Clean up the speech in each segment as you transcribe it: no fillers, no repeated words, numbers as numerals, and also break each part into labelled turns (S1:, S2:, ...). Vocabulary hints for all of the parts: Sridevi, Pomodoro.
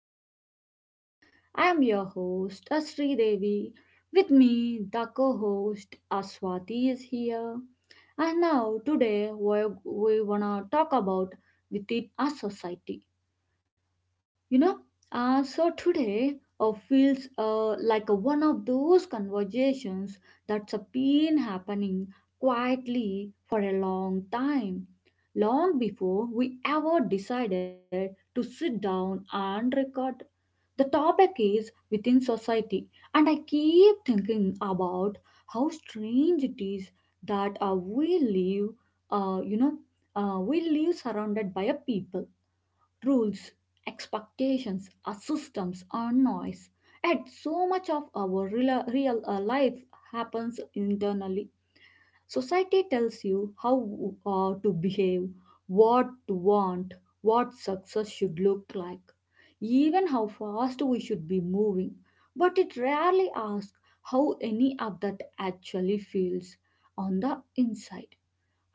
S1: today's episode. I am your host Asri Devi. With me, the co-host Aswati is here. And now today we wanna talk about within a society. You know, so today feels like a one of those conversations that's a been happening quietly for a long time, long before we ever decided to sit down and record. The topic is within society, and I keep thinking about how strange it is that we live, uh, you know, we live surrounded by a people rules, expectations, systems, or noise. And so much of our real life happens internally. Society tells you how to behave, what to want, what success should look like, even how fast we should be moving. But it rarely asks how any of that actually feels on the inside.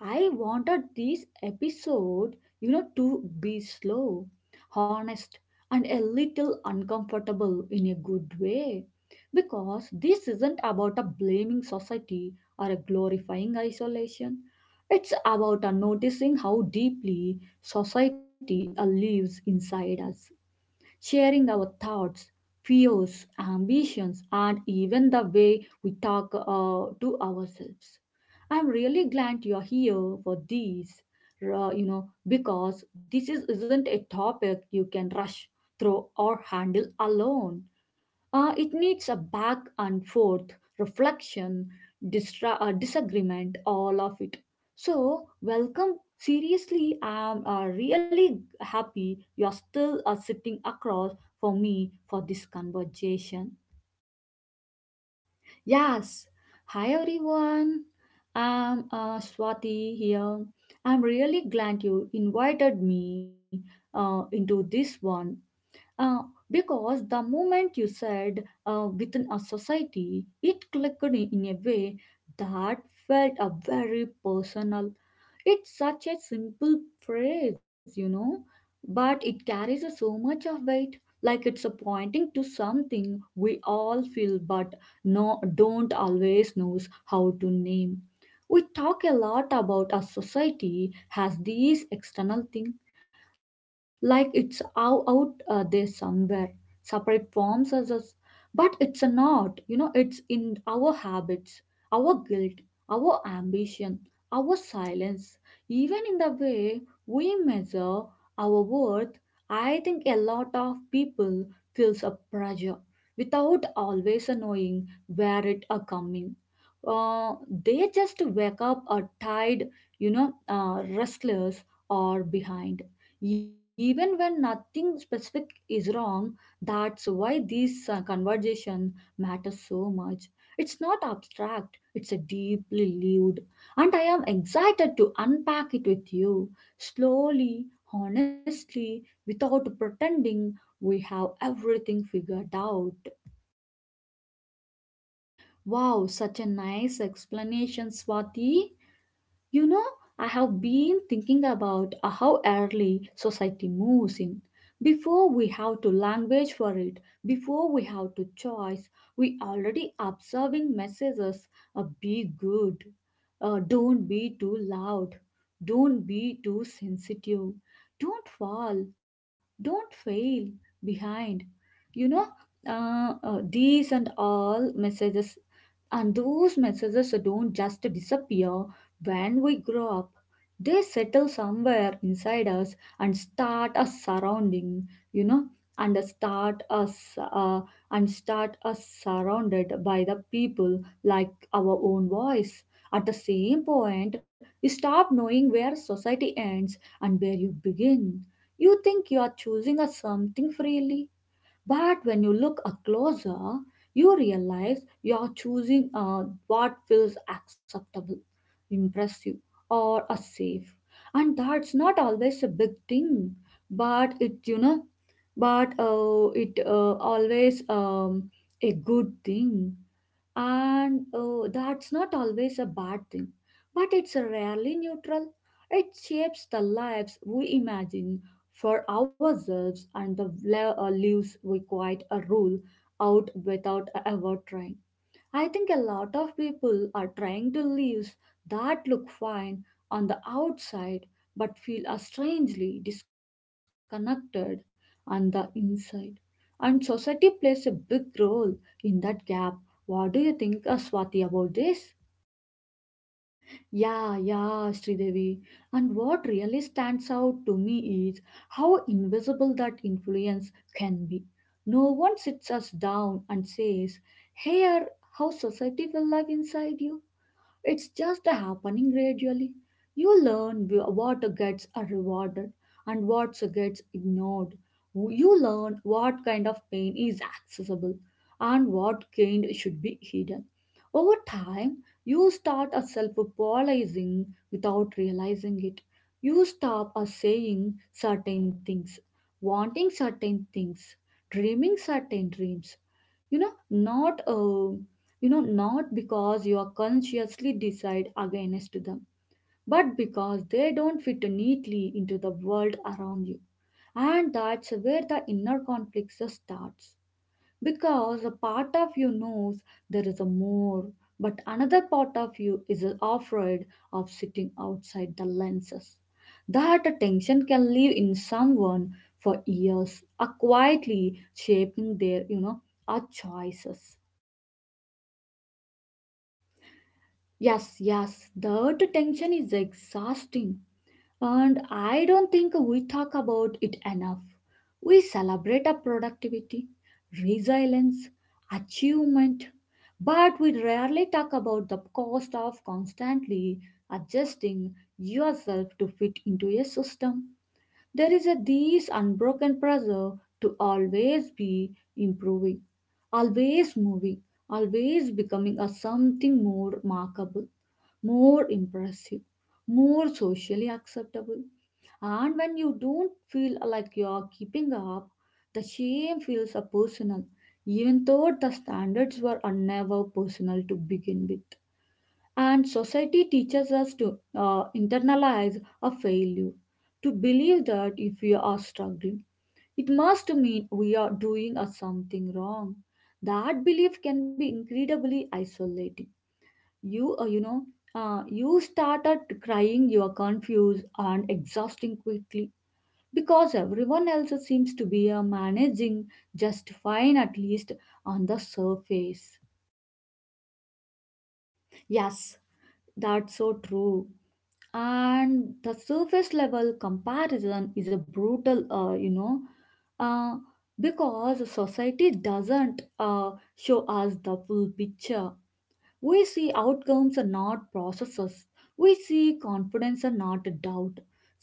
S1: I wanted this episode, to be slow, honest, and a little uncomfortable in a good way. Because this isn't about a blaming society or a glorifying isolation. It's about a noticing how deeply society lives inside us sharing our thoughts, fears, ambitions, and even the way we talk to ourselves. I'm really glad you're here for these, because isn't a topic you can rush through or handle alone. It needs a back and forth, reflection, disagreement, all of it. So, welcome. Seriously, I'm really happy you're still sitting across for me for this conversation.
S2: Yes. Hi everyone. I'm Swati here. I'm really glad you invited me into this one uh, because the moment you said within a society, it clicked in a way that felt a very personal. It's such a simple phrase, you know, but it carries a so much of weight. Like it's a pointing to something we all feel but no, don't always knows how to name. We talk a lot about our society has these external thing, like it's out there somewhere, separate forms as us. But it's a not, you know, it's in our habits, our guilt, our ambition, our silence. Even in the way we measure our worth, I think a lot of people feels a pressure without always knowing where it are coming. Uh, they just wake up a tired, you know, restless or behind. Even when nothing specific is wrong, that's why this conversation matters so much. It's not abstract; it's a deeply lived and I am excited to unpack it with you slowly, honestly, without pretending we have everything figured out.
S1: Wow, such a nice explanation, Swati. You know, I have been thinking about how early society moves in. Before we have to language for it, before we have to choice, we already observing messages be good, don't be too loud, don't be too sensitive, don't fall, don't fail behind. You know, these and all messages and those messages don't just disappear when we grow up, they settle somewhere inside us and start us surrounding, you know, and start us uh, and start us surrounded by the people like our own voice. At the same point, you stop knowing where society ends and where you begin. You think you are choosing a something freely, but when you look a closer, you realize you're choosing what feels acceptable, impressive, or a safe. And that's not always a big thing, but it always a good thing. And that's not always a bad thing, but it's rarely neutral. It shapes the lives we imagine for ourselves and the lives we quite a rule out without ever trying. I think a lot of people are trying to lives that look fine on the outside but feel are strangely disconnected on the inside. And society plays a big role in that gap. What do you think, Swati, about this?
S2: Yeah, yeah, Sridevi. And what really stands out to me is how invisible that influence can be. No one sits us down and says, here, how society will live inside you. It's just happening gradually. You learn what gets rewarded and what gets ignored. You learn what kind of pain is accessible and what kind should be hidden. Over time, you start self polarizing without realizing it. You stop saying certain things, wanting certain things, dreaming certain dreams. Not not because you are consciously decide against them but because they don't fit neatly into the world around you, and that's where the inner conflict starts because a part of you knows there is a more, but another part of you is afraid of sitting outside the lenses. That tension can live in someone for years, are quietly shaping their, you know, our choices.
S1: Yes, yes, the tension is exhausting. And I don't think we talk about it enough. We celebrate our productivity, resilience, achievement, but we rarely talk about the cost of constantly adjusting yourself to fit into a system. There is a this unbroken pressure to always be improving, always moving, always becoming a something more remarkable, more impressive, more socially acceptable. And when you don't feel like you're keeping up, the shame feels a personal, even though the standards were never personal to begin with. And society teaches us to internalize a failure, to believe that if we are struggling, it must mean we are doing something wrong. That belief can be incredibly isolating. You, uh, you know, you started crying, you are confused and exhausting quickly because everyone else seems to be managing just fine, at least on the surface.
S2: Yes, that's so true. And the surface level comparison is a brutal, uh, because society doesn't show us the full picture. We see outcomes and not processes. We see confidence and not doubt,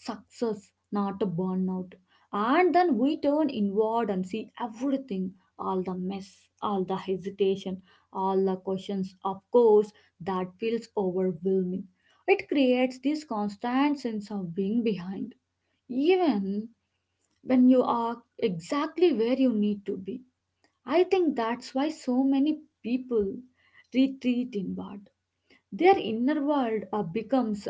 S2: success, not a burnout. And then we turn inward and see everything, all the mess, all the hesitation, all the questions. Of course, that feels overwhelming. It creates this constant sense of being behind, even when you are exactly where you need to be. I think that's why so many people retreat inward. Their inner world becomes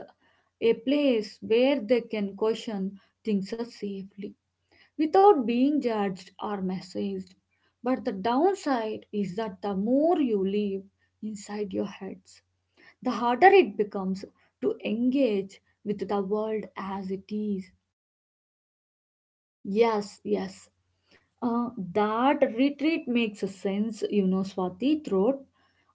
S2: a place where they can question things so safely without being judged or messaged. But the downside is that the more you live inside your heads, the harder it becomes to engage with the world as it is.
S1: Yes, yes. Uh, that retreat makes a sense, you know, Swati Throat.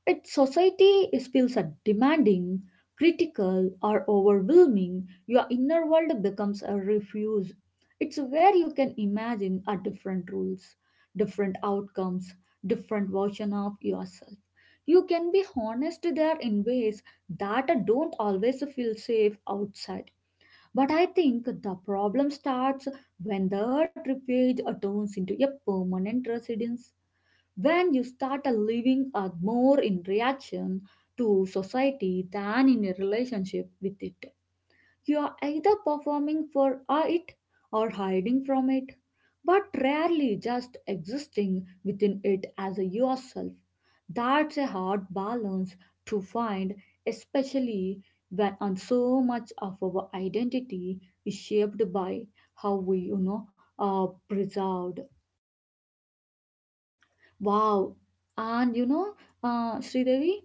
S1: Its society is feels a demanding, critical, or overwhelming, your inner world becomes a refuge. It's where you can imagine a different rules, different outcomes, different version of yourself. You can be honest there in ways that don't always feel safe outside. But I think the problem starts when that refuge turns into a permanent residence when you start a living a more in reaction to society than in a relationship with it. You are either performing for it or hiding from it, but rarely just existing within it as a yourself. That's a hard balance to find, especially when on so much of our identity is shaped by how we, are preserved.
S2: Wow. And you know, Sridevi,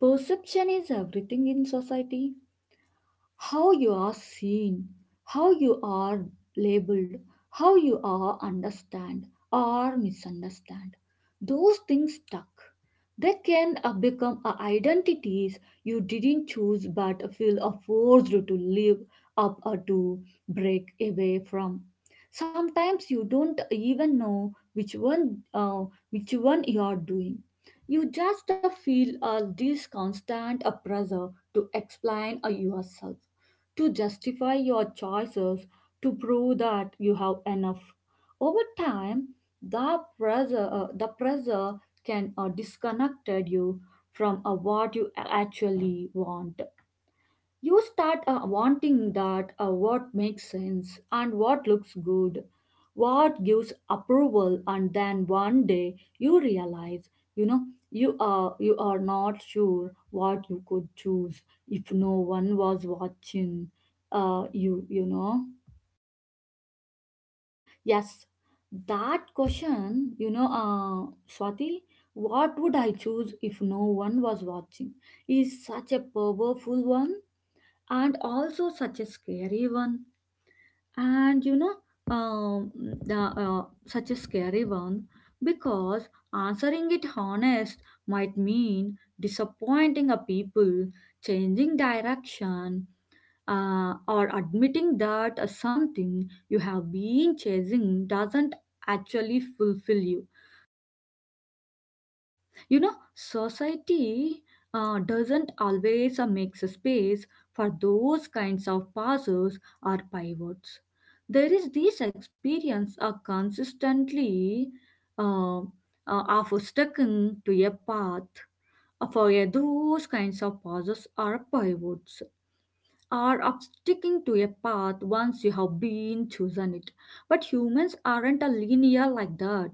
S2: perception is everything in society. How you are seen, how you are labeled, how you are understand or misunderstand. Those things stuck. They can become identities you didn't choose but feel forced to live up or to break away from. Sometimes you don't even know which one you are doing. You just feel this constant pressure to explain yourself, to justify your choices, to prove that you have enough. Over time, the pressure can disconnect you from what you actually want. You start wanting that what makes sense and what looks good, what gives approval, and then one day you realize, you know, you are not sure what you could choose if no one was watching. Uh, you you know,
S1: Yes, that question, Swati, what would I choose if no one was watching? Is such a powerful one and also such a scary one. And you know, um, the, such a scary one because answering it honest might mean disappointing a people, changing direction, or admitting that something you have been chasing doesn't actually fulfill you. You know, society doesn't always make space for those kinds of pauses or pivots. There is this experience of consistently uh, uh, of sticking to a path for those kinds of pauses or pivots. Are of sticking to a path once you have been chosen it. But humans aren't a linear like that.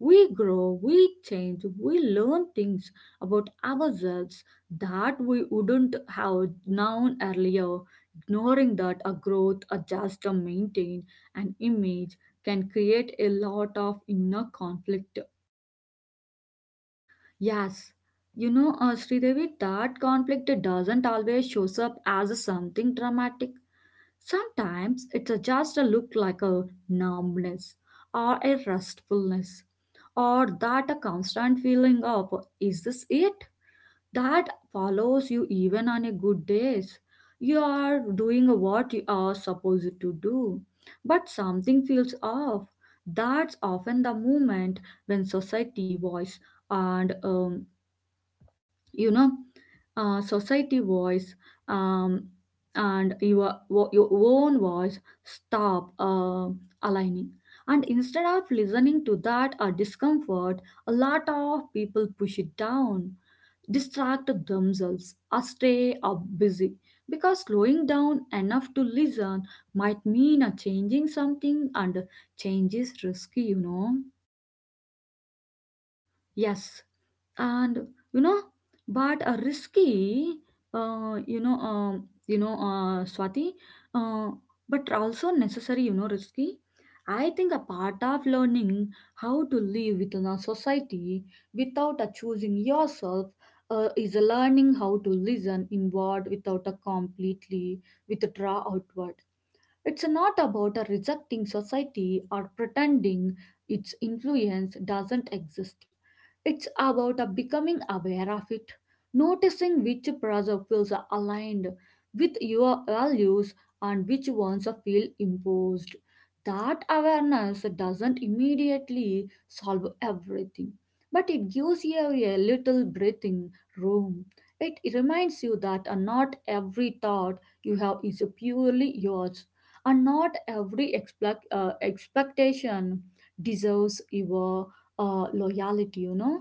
S1: We grow, we change, we learn things about ourselves that we wouldn't have known earlier. Ignoring that a growth, a just a maintain an image can create a lot of inner conflict.
S2: yes, you know, Sridevi, that conflict doesn't always shows up as something dramatic. Sometimes it's a- just a look like a numbness or a restfulness or that a constant feeling of, is this it, that follows you even on a good days. You are doing what you are supposed to do, but something feels off. That's often the moment when and um, you know society voice um, and your your own voice stop aligning, and instead of listening to that discomfort, a lot of people push it down, distract themselves or stay up busy, because slowing down enough to listen might mean a changing something, and change is risky, you know.
S1: Yes, and you know, but a risky, Swati, uh, but also necessary, you know, risky. I think a part of learning how to live within a society without a choosing yourself is a learning how to listen inward without a completely with a draw outward. It's not about a rejecting society or pretending its influence doesn't exist. It's about becoming aware of it, noticing which pressure feels aligned with your values and which ones feel imposed. That awareness doesn't immediately solve everything, but it gives you a little breathing room. It reminds you that not every thought you have is purely yours and not every expectation deserves your loyalty, you know.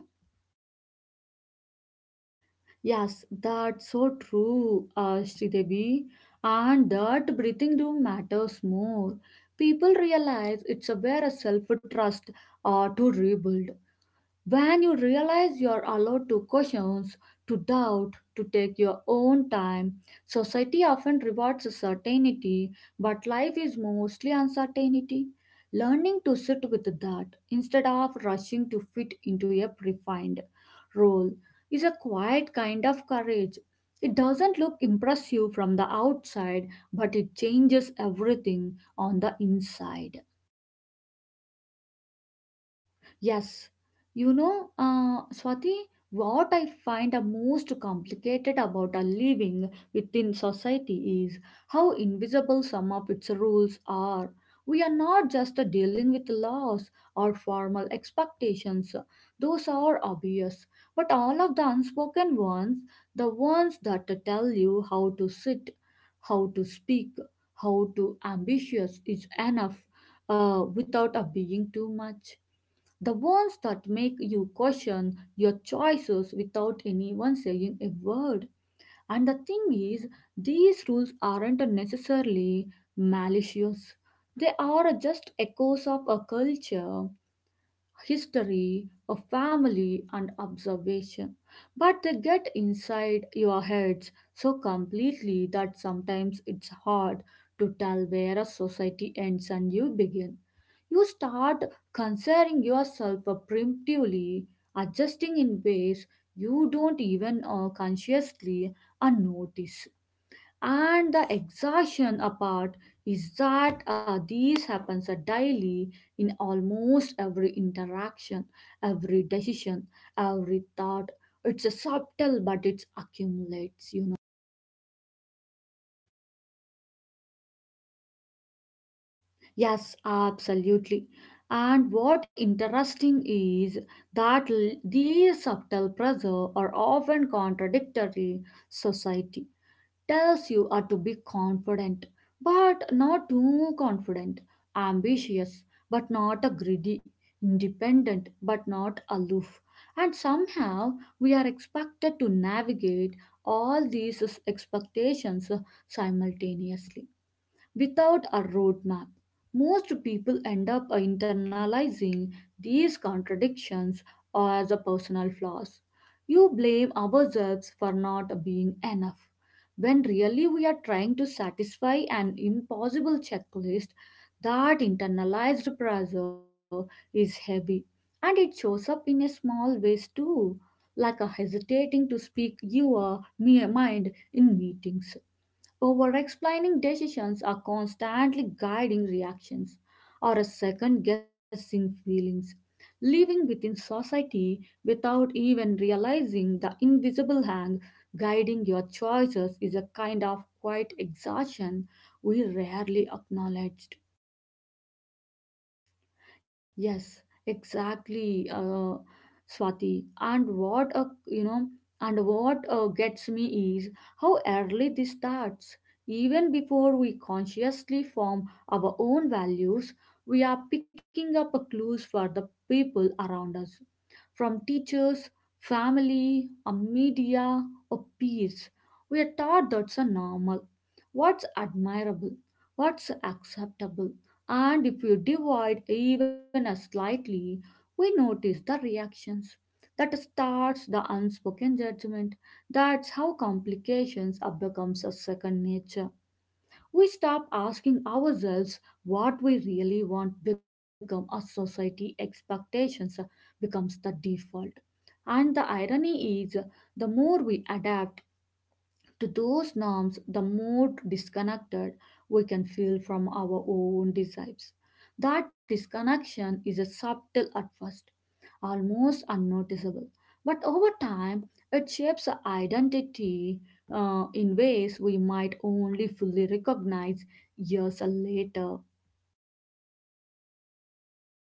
S2: Yes, that's so true, Sridevi. And that breathing room matters more. People realize it's a where a self trust to rebuild. When you realize you are allowed to question, to doubt, to take your own time, society often rewards certainty, but life is mostly uncertainty. Learning to sit with that instead of rushing to fit into a predefined role is a quiet kind of courage. It doesn't look impressive from the outside, but it changes everything on the inside.
S1: Yes, you know, Swati, what I find the most complicated about a living within society is how invisible some of its rules are. We are not just dealing with laws or formal expectations, those are obvious, but all of the unspoken ones, the ones that tell you how to sit, how to speak, how to ambitious is enough without being too much the ones that make you question your choices without anyone saying a word. And the thing is, these rules aren't necessarily malicious. They are just echoes of a culture, history, a family, and observation. But they get inside your heads so completely that sometimes it's hard to tell where a society ends and you begin you start considering yourself primitively, adjusting in ways you don't even consciously notice. And the exhaustion apart is that these happens daily in almost every interaction, every decision, every thought. It's a subtle, but it accumulates, you know.
S2: Yes, absolutely. And what interesting is that these subtle pressure are often contradictory. Society tells you are to be confident, but not too confident, ambitious, but not a greedy, independent, but not aloof. And somehow we are expected to navigate all these expectations simultaneously without a roadmap. Most people end up internalizing these contradictions as a personal flaws. You blame ourselves for not being enough. When really we are trying to satisfy an impossible checklist, that internalized pressure is heavy and it shows up in a small ways too, like a hesitating to speak your mind in meetings, over explaining decisions are constantly guiding reactions or a second guessing feelings, living within society without even realizing the invisible hand guiding your choices is a kind of quiet exhaustion we rarely acknowledged.
S1: Yes, exactly, Swati. And what a you know, and what gets me is how early this starts. Even before we consciously form our own values, we are picking up a clues for the people around us from teachers, family, or media, or peers. We are taught that's a normal, what's admirable, what's acceptable. And if you divide even a slightly, we notice the reactions. That starts the unspoken judgment. That's how complications are becomes a second nature. We stop asking ourselves what we really want become a society expectations becomes the default. And the irony is, the more we adapt to those norms, the more disconnected we can feel from our own desires. That disconnection is a subtle at first, almost unnoticeable. But over time, it shapes our identity in ways we might only fully recognize years later.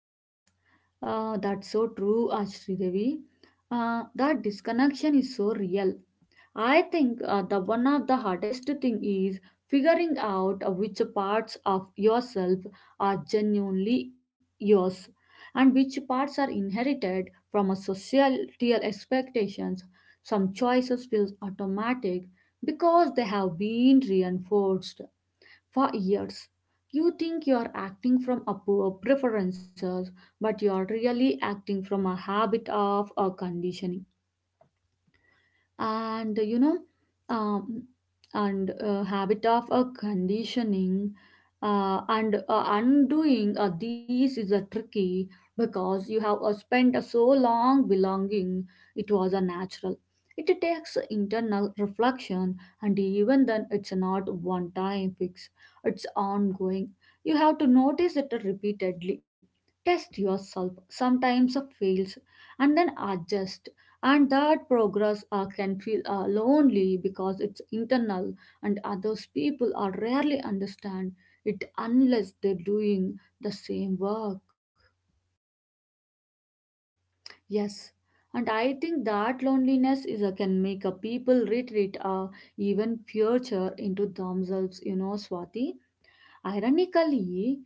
S2: Yes, that's so true, Ashridevi. That disconnection is so real. I think the one of the hardest thing is figuring out which parts of yourself are genuinely yours and which parts are inherited from a societal expectations. Some choices feel automatic because they have been reinforced for years. You think you are acting from a poor preferences, but you are really acting from a habit of a conditioning, and um, habit of a conditioning, and undoing these is a tricky because you have spent so long belonging, it was a natural. It takes internal reflection, and even then it's not one time fix, it's ongoing. You have to notice it repeatedly, test yourself, sometimes fails and then adjust, and that progress can feel lonely because it's internal, and others people are rarely understand it unless they're doing the same work.
S1: Yes, and I think that loneliness is a, can make a people retreat or even future into themselves, you know, Swati. Ironically,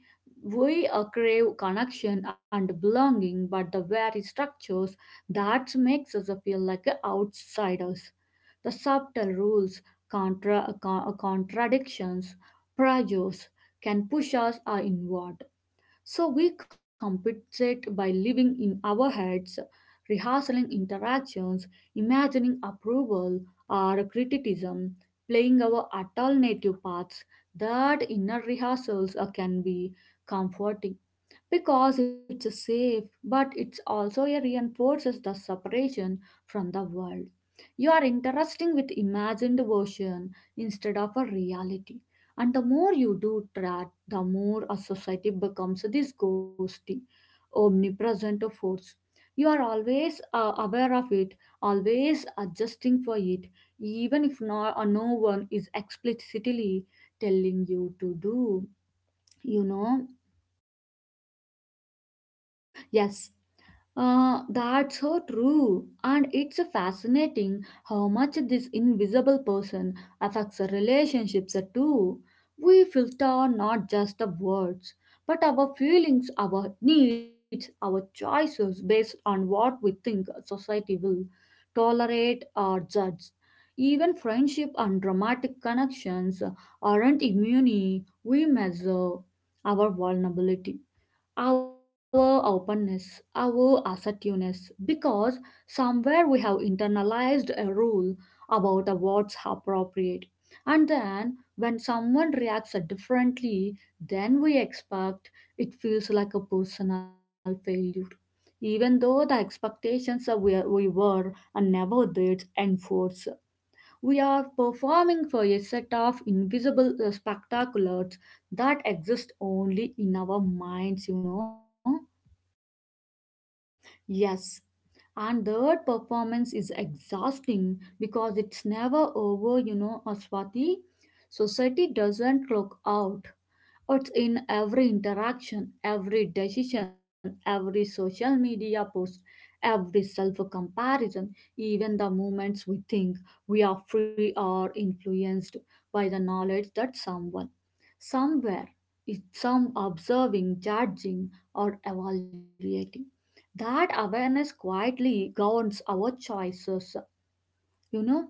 S1: we crave connection and belonging, but the very structures that makes us feel like outsiders. The subtle rules, contradictions, pressures can push us inward so we compensate by living in our heads, rehearsing interactions, imagining approval or criticism, playing our alternative paths. That inner rehearsals can be comforting because it's safe but it's also a reinforces the separation from the world. You are interacting with imagined version instead of a reality, and the more you do that, the more a society becomes this ghosty omnipresent force. You are always aware of it, always adjusting for it, even if no one is explicitly telling you to do you know
S2: Yes, that's so true. And it's fascinating how much this invisible person affects our relationships too. We filter not just the words, but our feelings, our needs, our choices based on what we think society will tolerate or judge. Even friendship and romantic connections aren't immune. We measure our vulnerability, our openness, our assertiveness, because somewhere we have internalized a rule about the what's appropriate. And then when someone reacts differently than we expect, it feels like a personal failure. Even though the expectations that we were and never did enforce, we are performing for a set of invisible spectaculars that exist only in our minds, you know.
S1: yes, and that performance is exhausting because it's never over, you know, Aswati. Society doesn't clock out. It's in every interaction, every decision, every social media post, every self comparison. Even the moments we think we are free are influenced by the knowledge that someone somewhere is some observing, judging, or evaluating. That awareness quietly governs our choices, you know,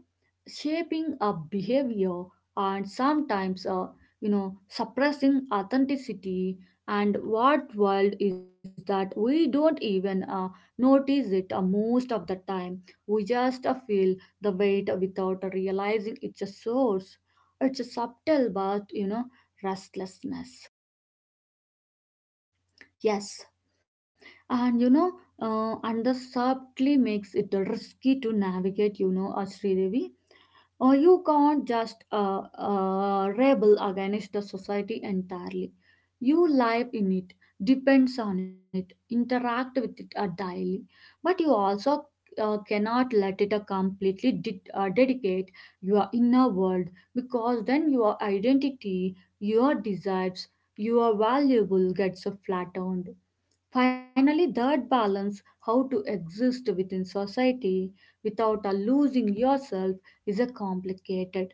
S1: shaping a behavior, and sometimes suppressing authenticity. And what world is that we don't even notice it most of the time. We just feel the weight without realizing it's a source. It's a subtle but you know restlessness.
S2: Yes, and you know, and the subtly makes it risky to navigate, you know, as Sridevi. Or you can't just rebel against the society entirely. You live in it, depends on it, interact with it daily. But you also cannot let it completely dedicate your inner world, because then your identity, your desires, your valuable gets flattened. Finally, that balance, how to exist within society without losing yourself, is a complicated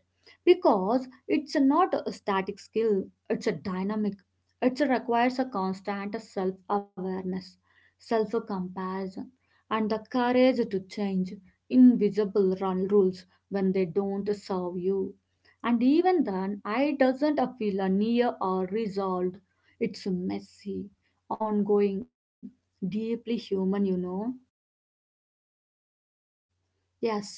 S2: because it's a not a static skill, it's a dynamic. It requires a constant self awareness, self comparison, and the courage to change invisible run rules when they don't serve you. And even then, I doesn't feel near or resolved. It's messy, ongoing, deeply human, you know.
S1: Yes,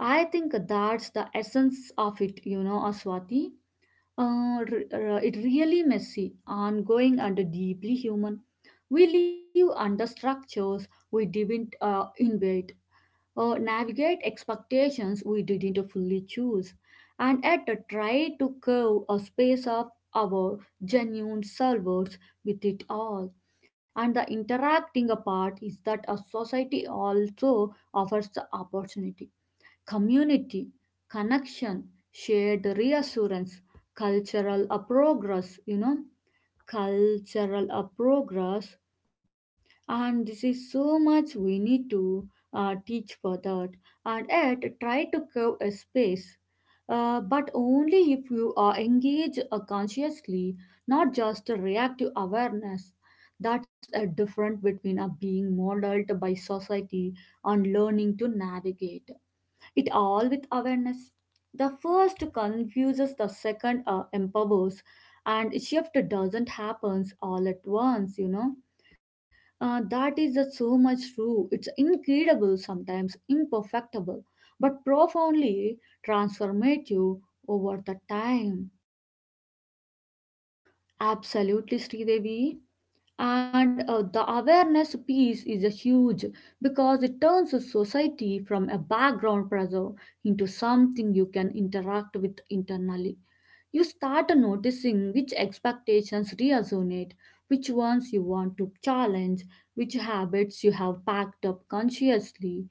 S1: I think that's the essence of it, you know, Swati. It really messy, ongoing, and deeply human. We live under structures we didn't invent, or navigate expectations we didn't fully choose, and at the try to curve a space of our genuine selves with it all. And the interacting part is that a society also offers the opportunity: community, connection, shared reassurance, cultural progress, you know, cultural progress. And this is so much we need to teach for that. And yet, try to curve a space. But only if you are engaged consciously, not just a reactive awareness. That's a difference between being modeled by society and learning to navigate it all with awareness. The first confuses, the second empowers, and shift doesn't happens all at once. You know, that is so much true. It's incredible sometimes, imperfectible, but profoundly transformative over the time.
S2: Absolutely, Sridevi. And the awareness piece is a huge because it turns a society from a background pressure into something you can interact with internally. You start noticing which expectations resonate, which ones you want to challenge, which habits you have packed up consciously,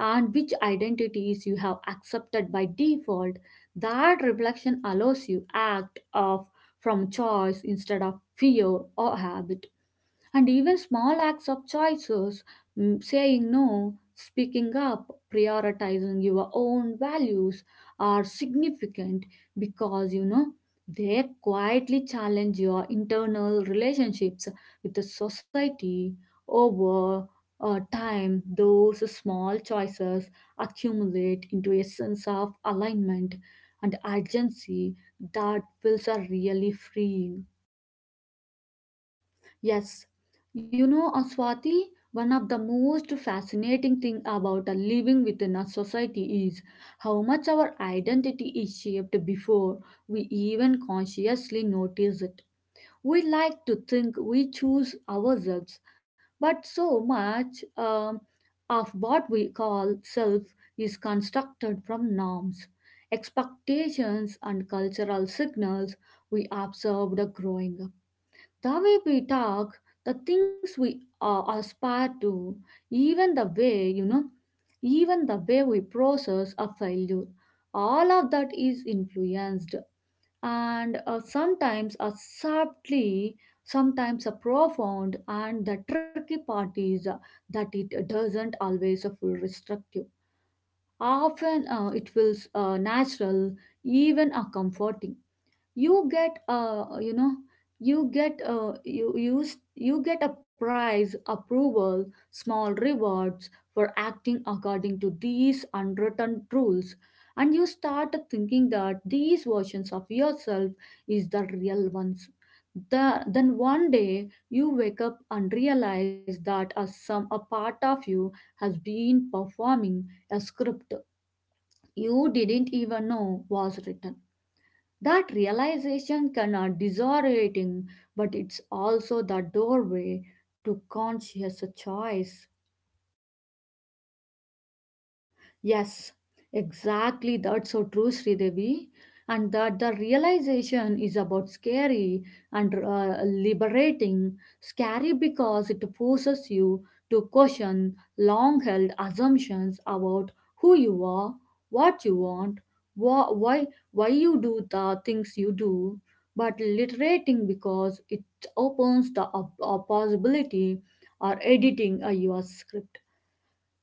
S2: and which identities you have accepted by default. That reflection allows you act of from choice instead of fear or habit, and even small acts of choices, mm, saying no, speaking up, prioritizing your own values are significant because, you know, they quietly challenge your internal relationships with the society over time. Those small choices accumulate into a sense of alignment and agency that feels are really freeing.
S1: Yes, you know, Aswati, one of the most fascinating thing about living within a society is how much our identity is shaped before we even consciously notice it. We like to think we choose ourselves, but so much of what we call self is constructed from norms, expectations, and cultural signals we observed growing up. The way we talk, the things we aspire to, even the way, even the way we process a failure, all of that is influenced. And sometimes are subtly, sometimes are profound, and the tricky part is that it doesn't always feel restrictive. Often it feels natural, even comforting. You get you know you get you use You get a prize approval, small rewards for acting according to these unwritten rules, and you start thinking that these versions of yourself is the real ones. Then one day you wake up and realize that a some a part of you has been performing a script you didn't even know was written. That realization can be disorienting, but it's also the doorway to conscious choice.
S2: Yes, exactly. That's so true, Sridevi. And that the realization is about scary and liberating. Scary because it forces you to question long held assumptions about who you are, what you want, wha- why, why you do the things you do. But literating because it opens the possibility or editing a your script.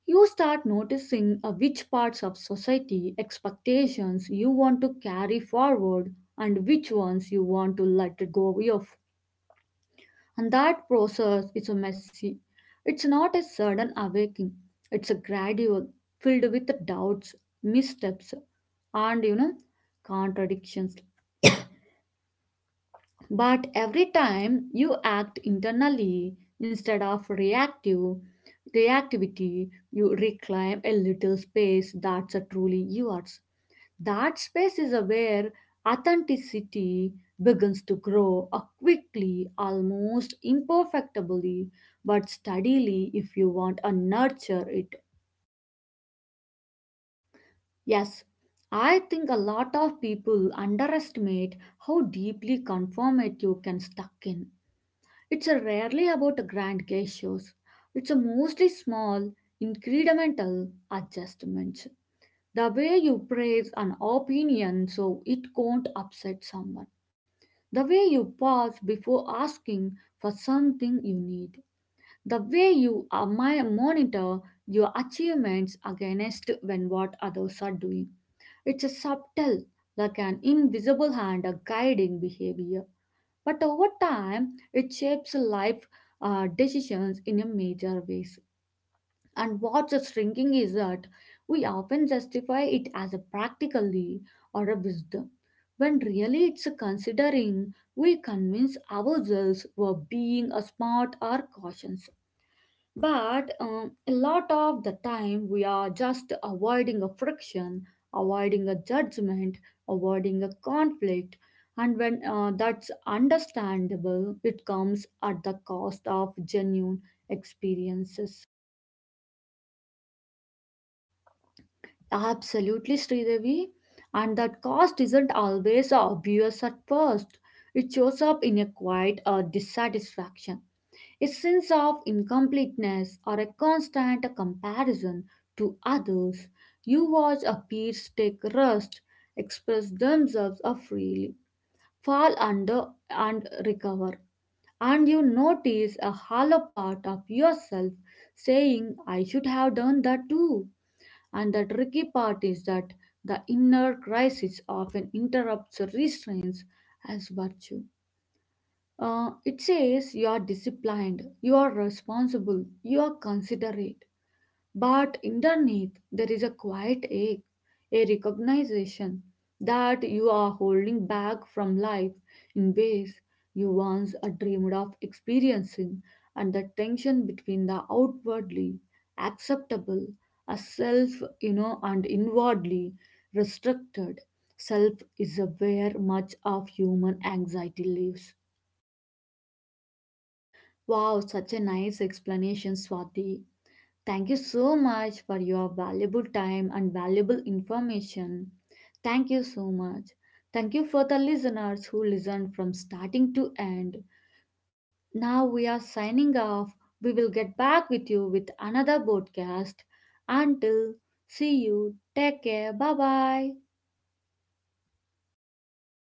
S2: You start noticing which parts of society expectations you want to carry forward and which ones you want to let go of. And that process is a messy. It's not a sudden awakening. It's a gradual, filled with doubts, missteps, and, you know, contradictions. But every time you act internally instead of reactivity, you reclaim a little space that's a truly yours. That space is where authenticity begins to grow quickly, almost imperfectibly, but steadily if you want to nurture it.
S1: Yes, I think a lot of people underestimate how deeply conformative can stuck in. It's a rarely about grand gestures. It's a mostly small, incremental adjustments. The way you praise an opinion so it can't upset someone, the way you pause before asking for something you need, the way you monitor your achievements against when what others are doing. It's a subtle, like an invisible hand, a guiding behavior. But over time, it shapes life decisions in a major ways. And what's shrinking is that we often justify it as a practically or a wisdom, when really it's a considering. We convince ourselves we're being a smart or cautious. But a lot of the time we are just avoiding a friction, avoiding a judgment, avoiding a conflict. And when that's understandable, it comes at the cost of genuine experiences.
S2: Absolutely, Sridevi. And that cost isn't always obvious at first. It shows up in a quiet dissatisfaction, a sense of incompleteness or a constant comparison to others. You watch a peers take rest, express themselves freely, fall under and recover. And you notice a hollow part of yourself saying, I should have done that too. And the tricky part is that the inner crisis often interrupts restraints as virtue. It says you are disciplined, you are responsible, you are considerate. But underneath, there is a quiet ache, a recognition that you are holding back from life in ways you once dreamed of experiencing, and the tension between the outwardly acceptable a self, you know, and inwardly restricted self is a where much of human anxiety lives.
S1: Wow, such a nice explanation, Swati. Thank you so much for your valuable time and valuable information. Thank you so much. Thank you for the listeners who listened from starting to end. Now we are signing off. We will get back with you with another podcast. Until see you, take care. Bye bye.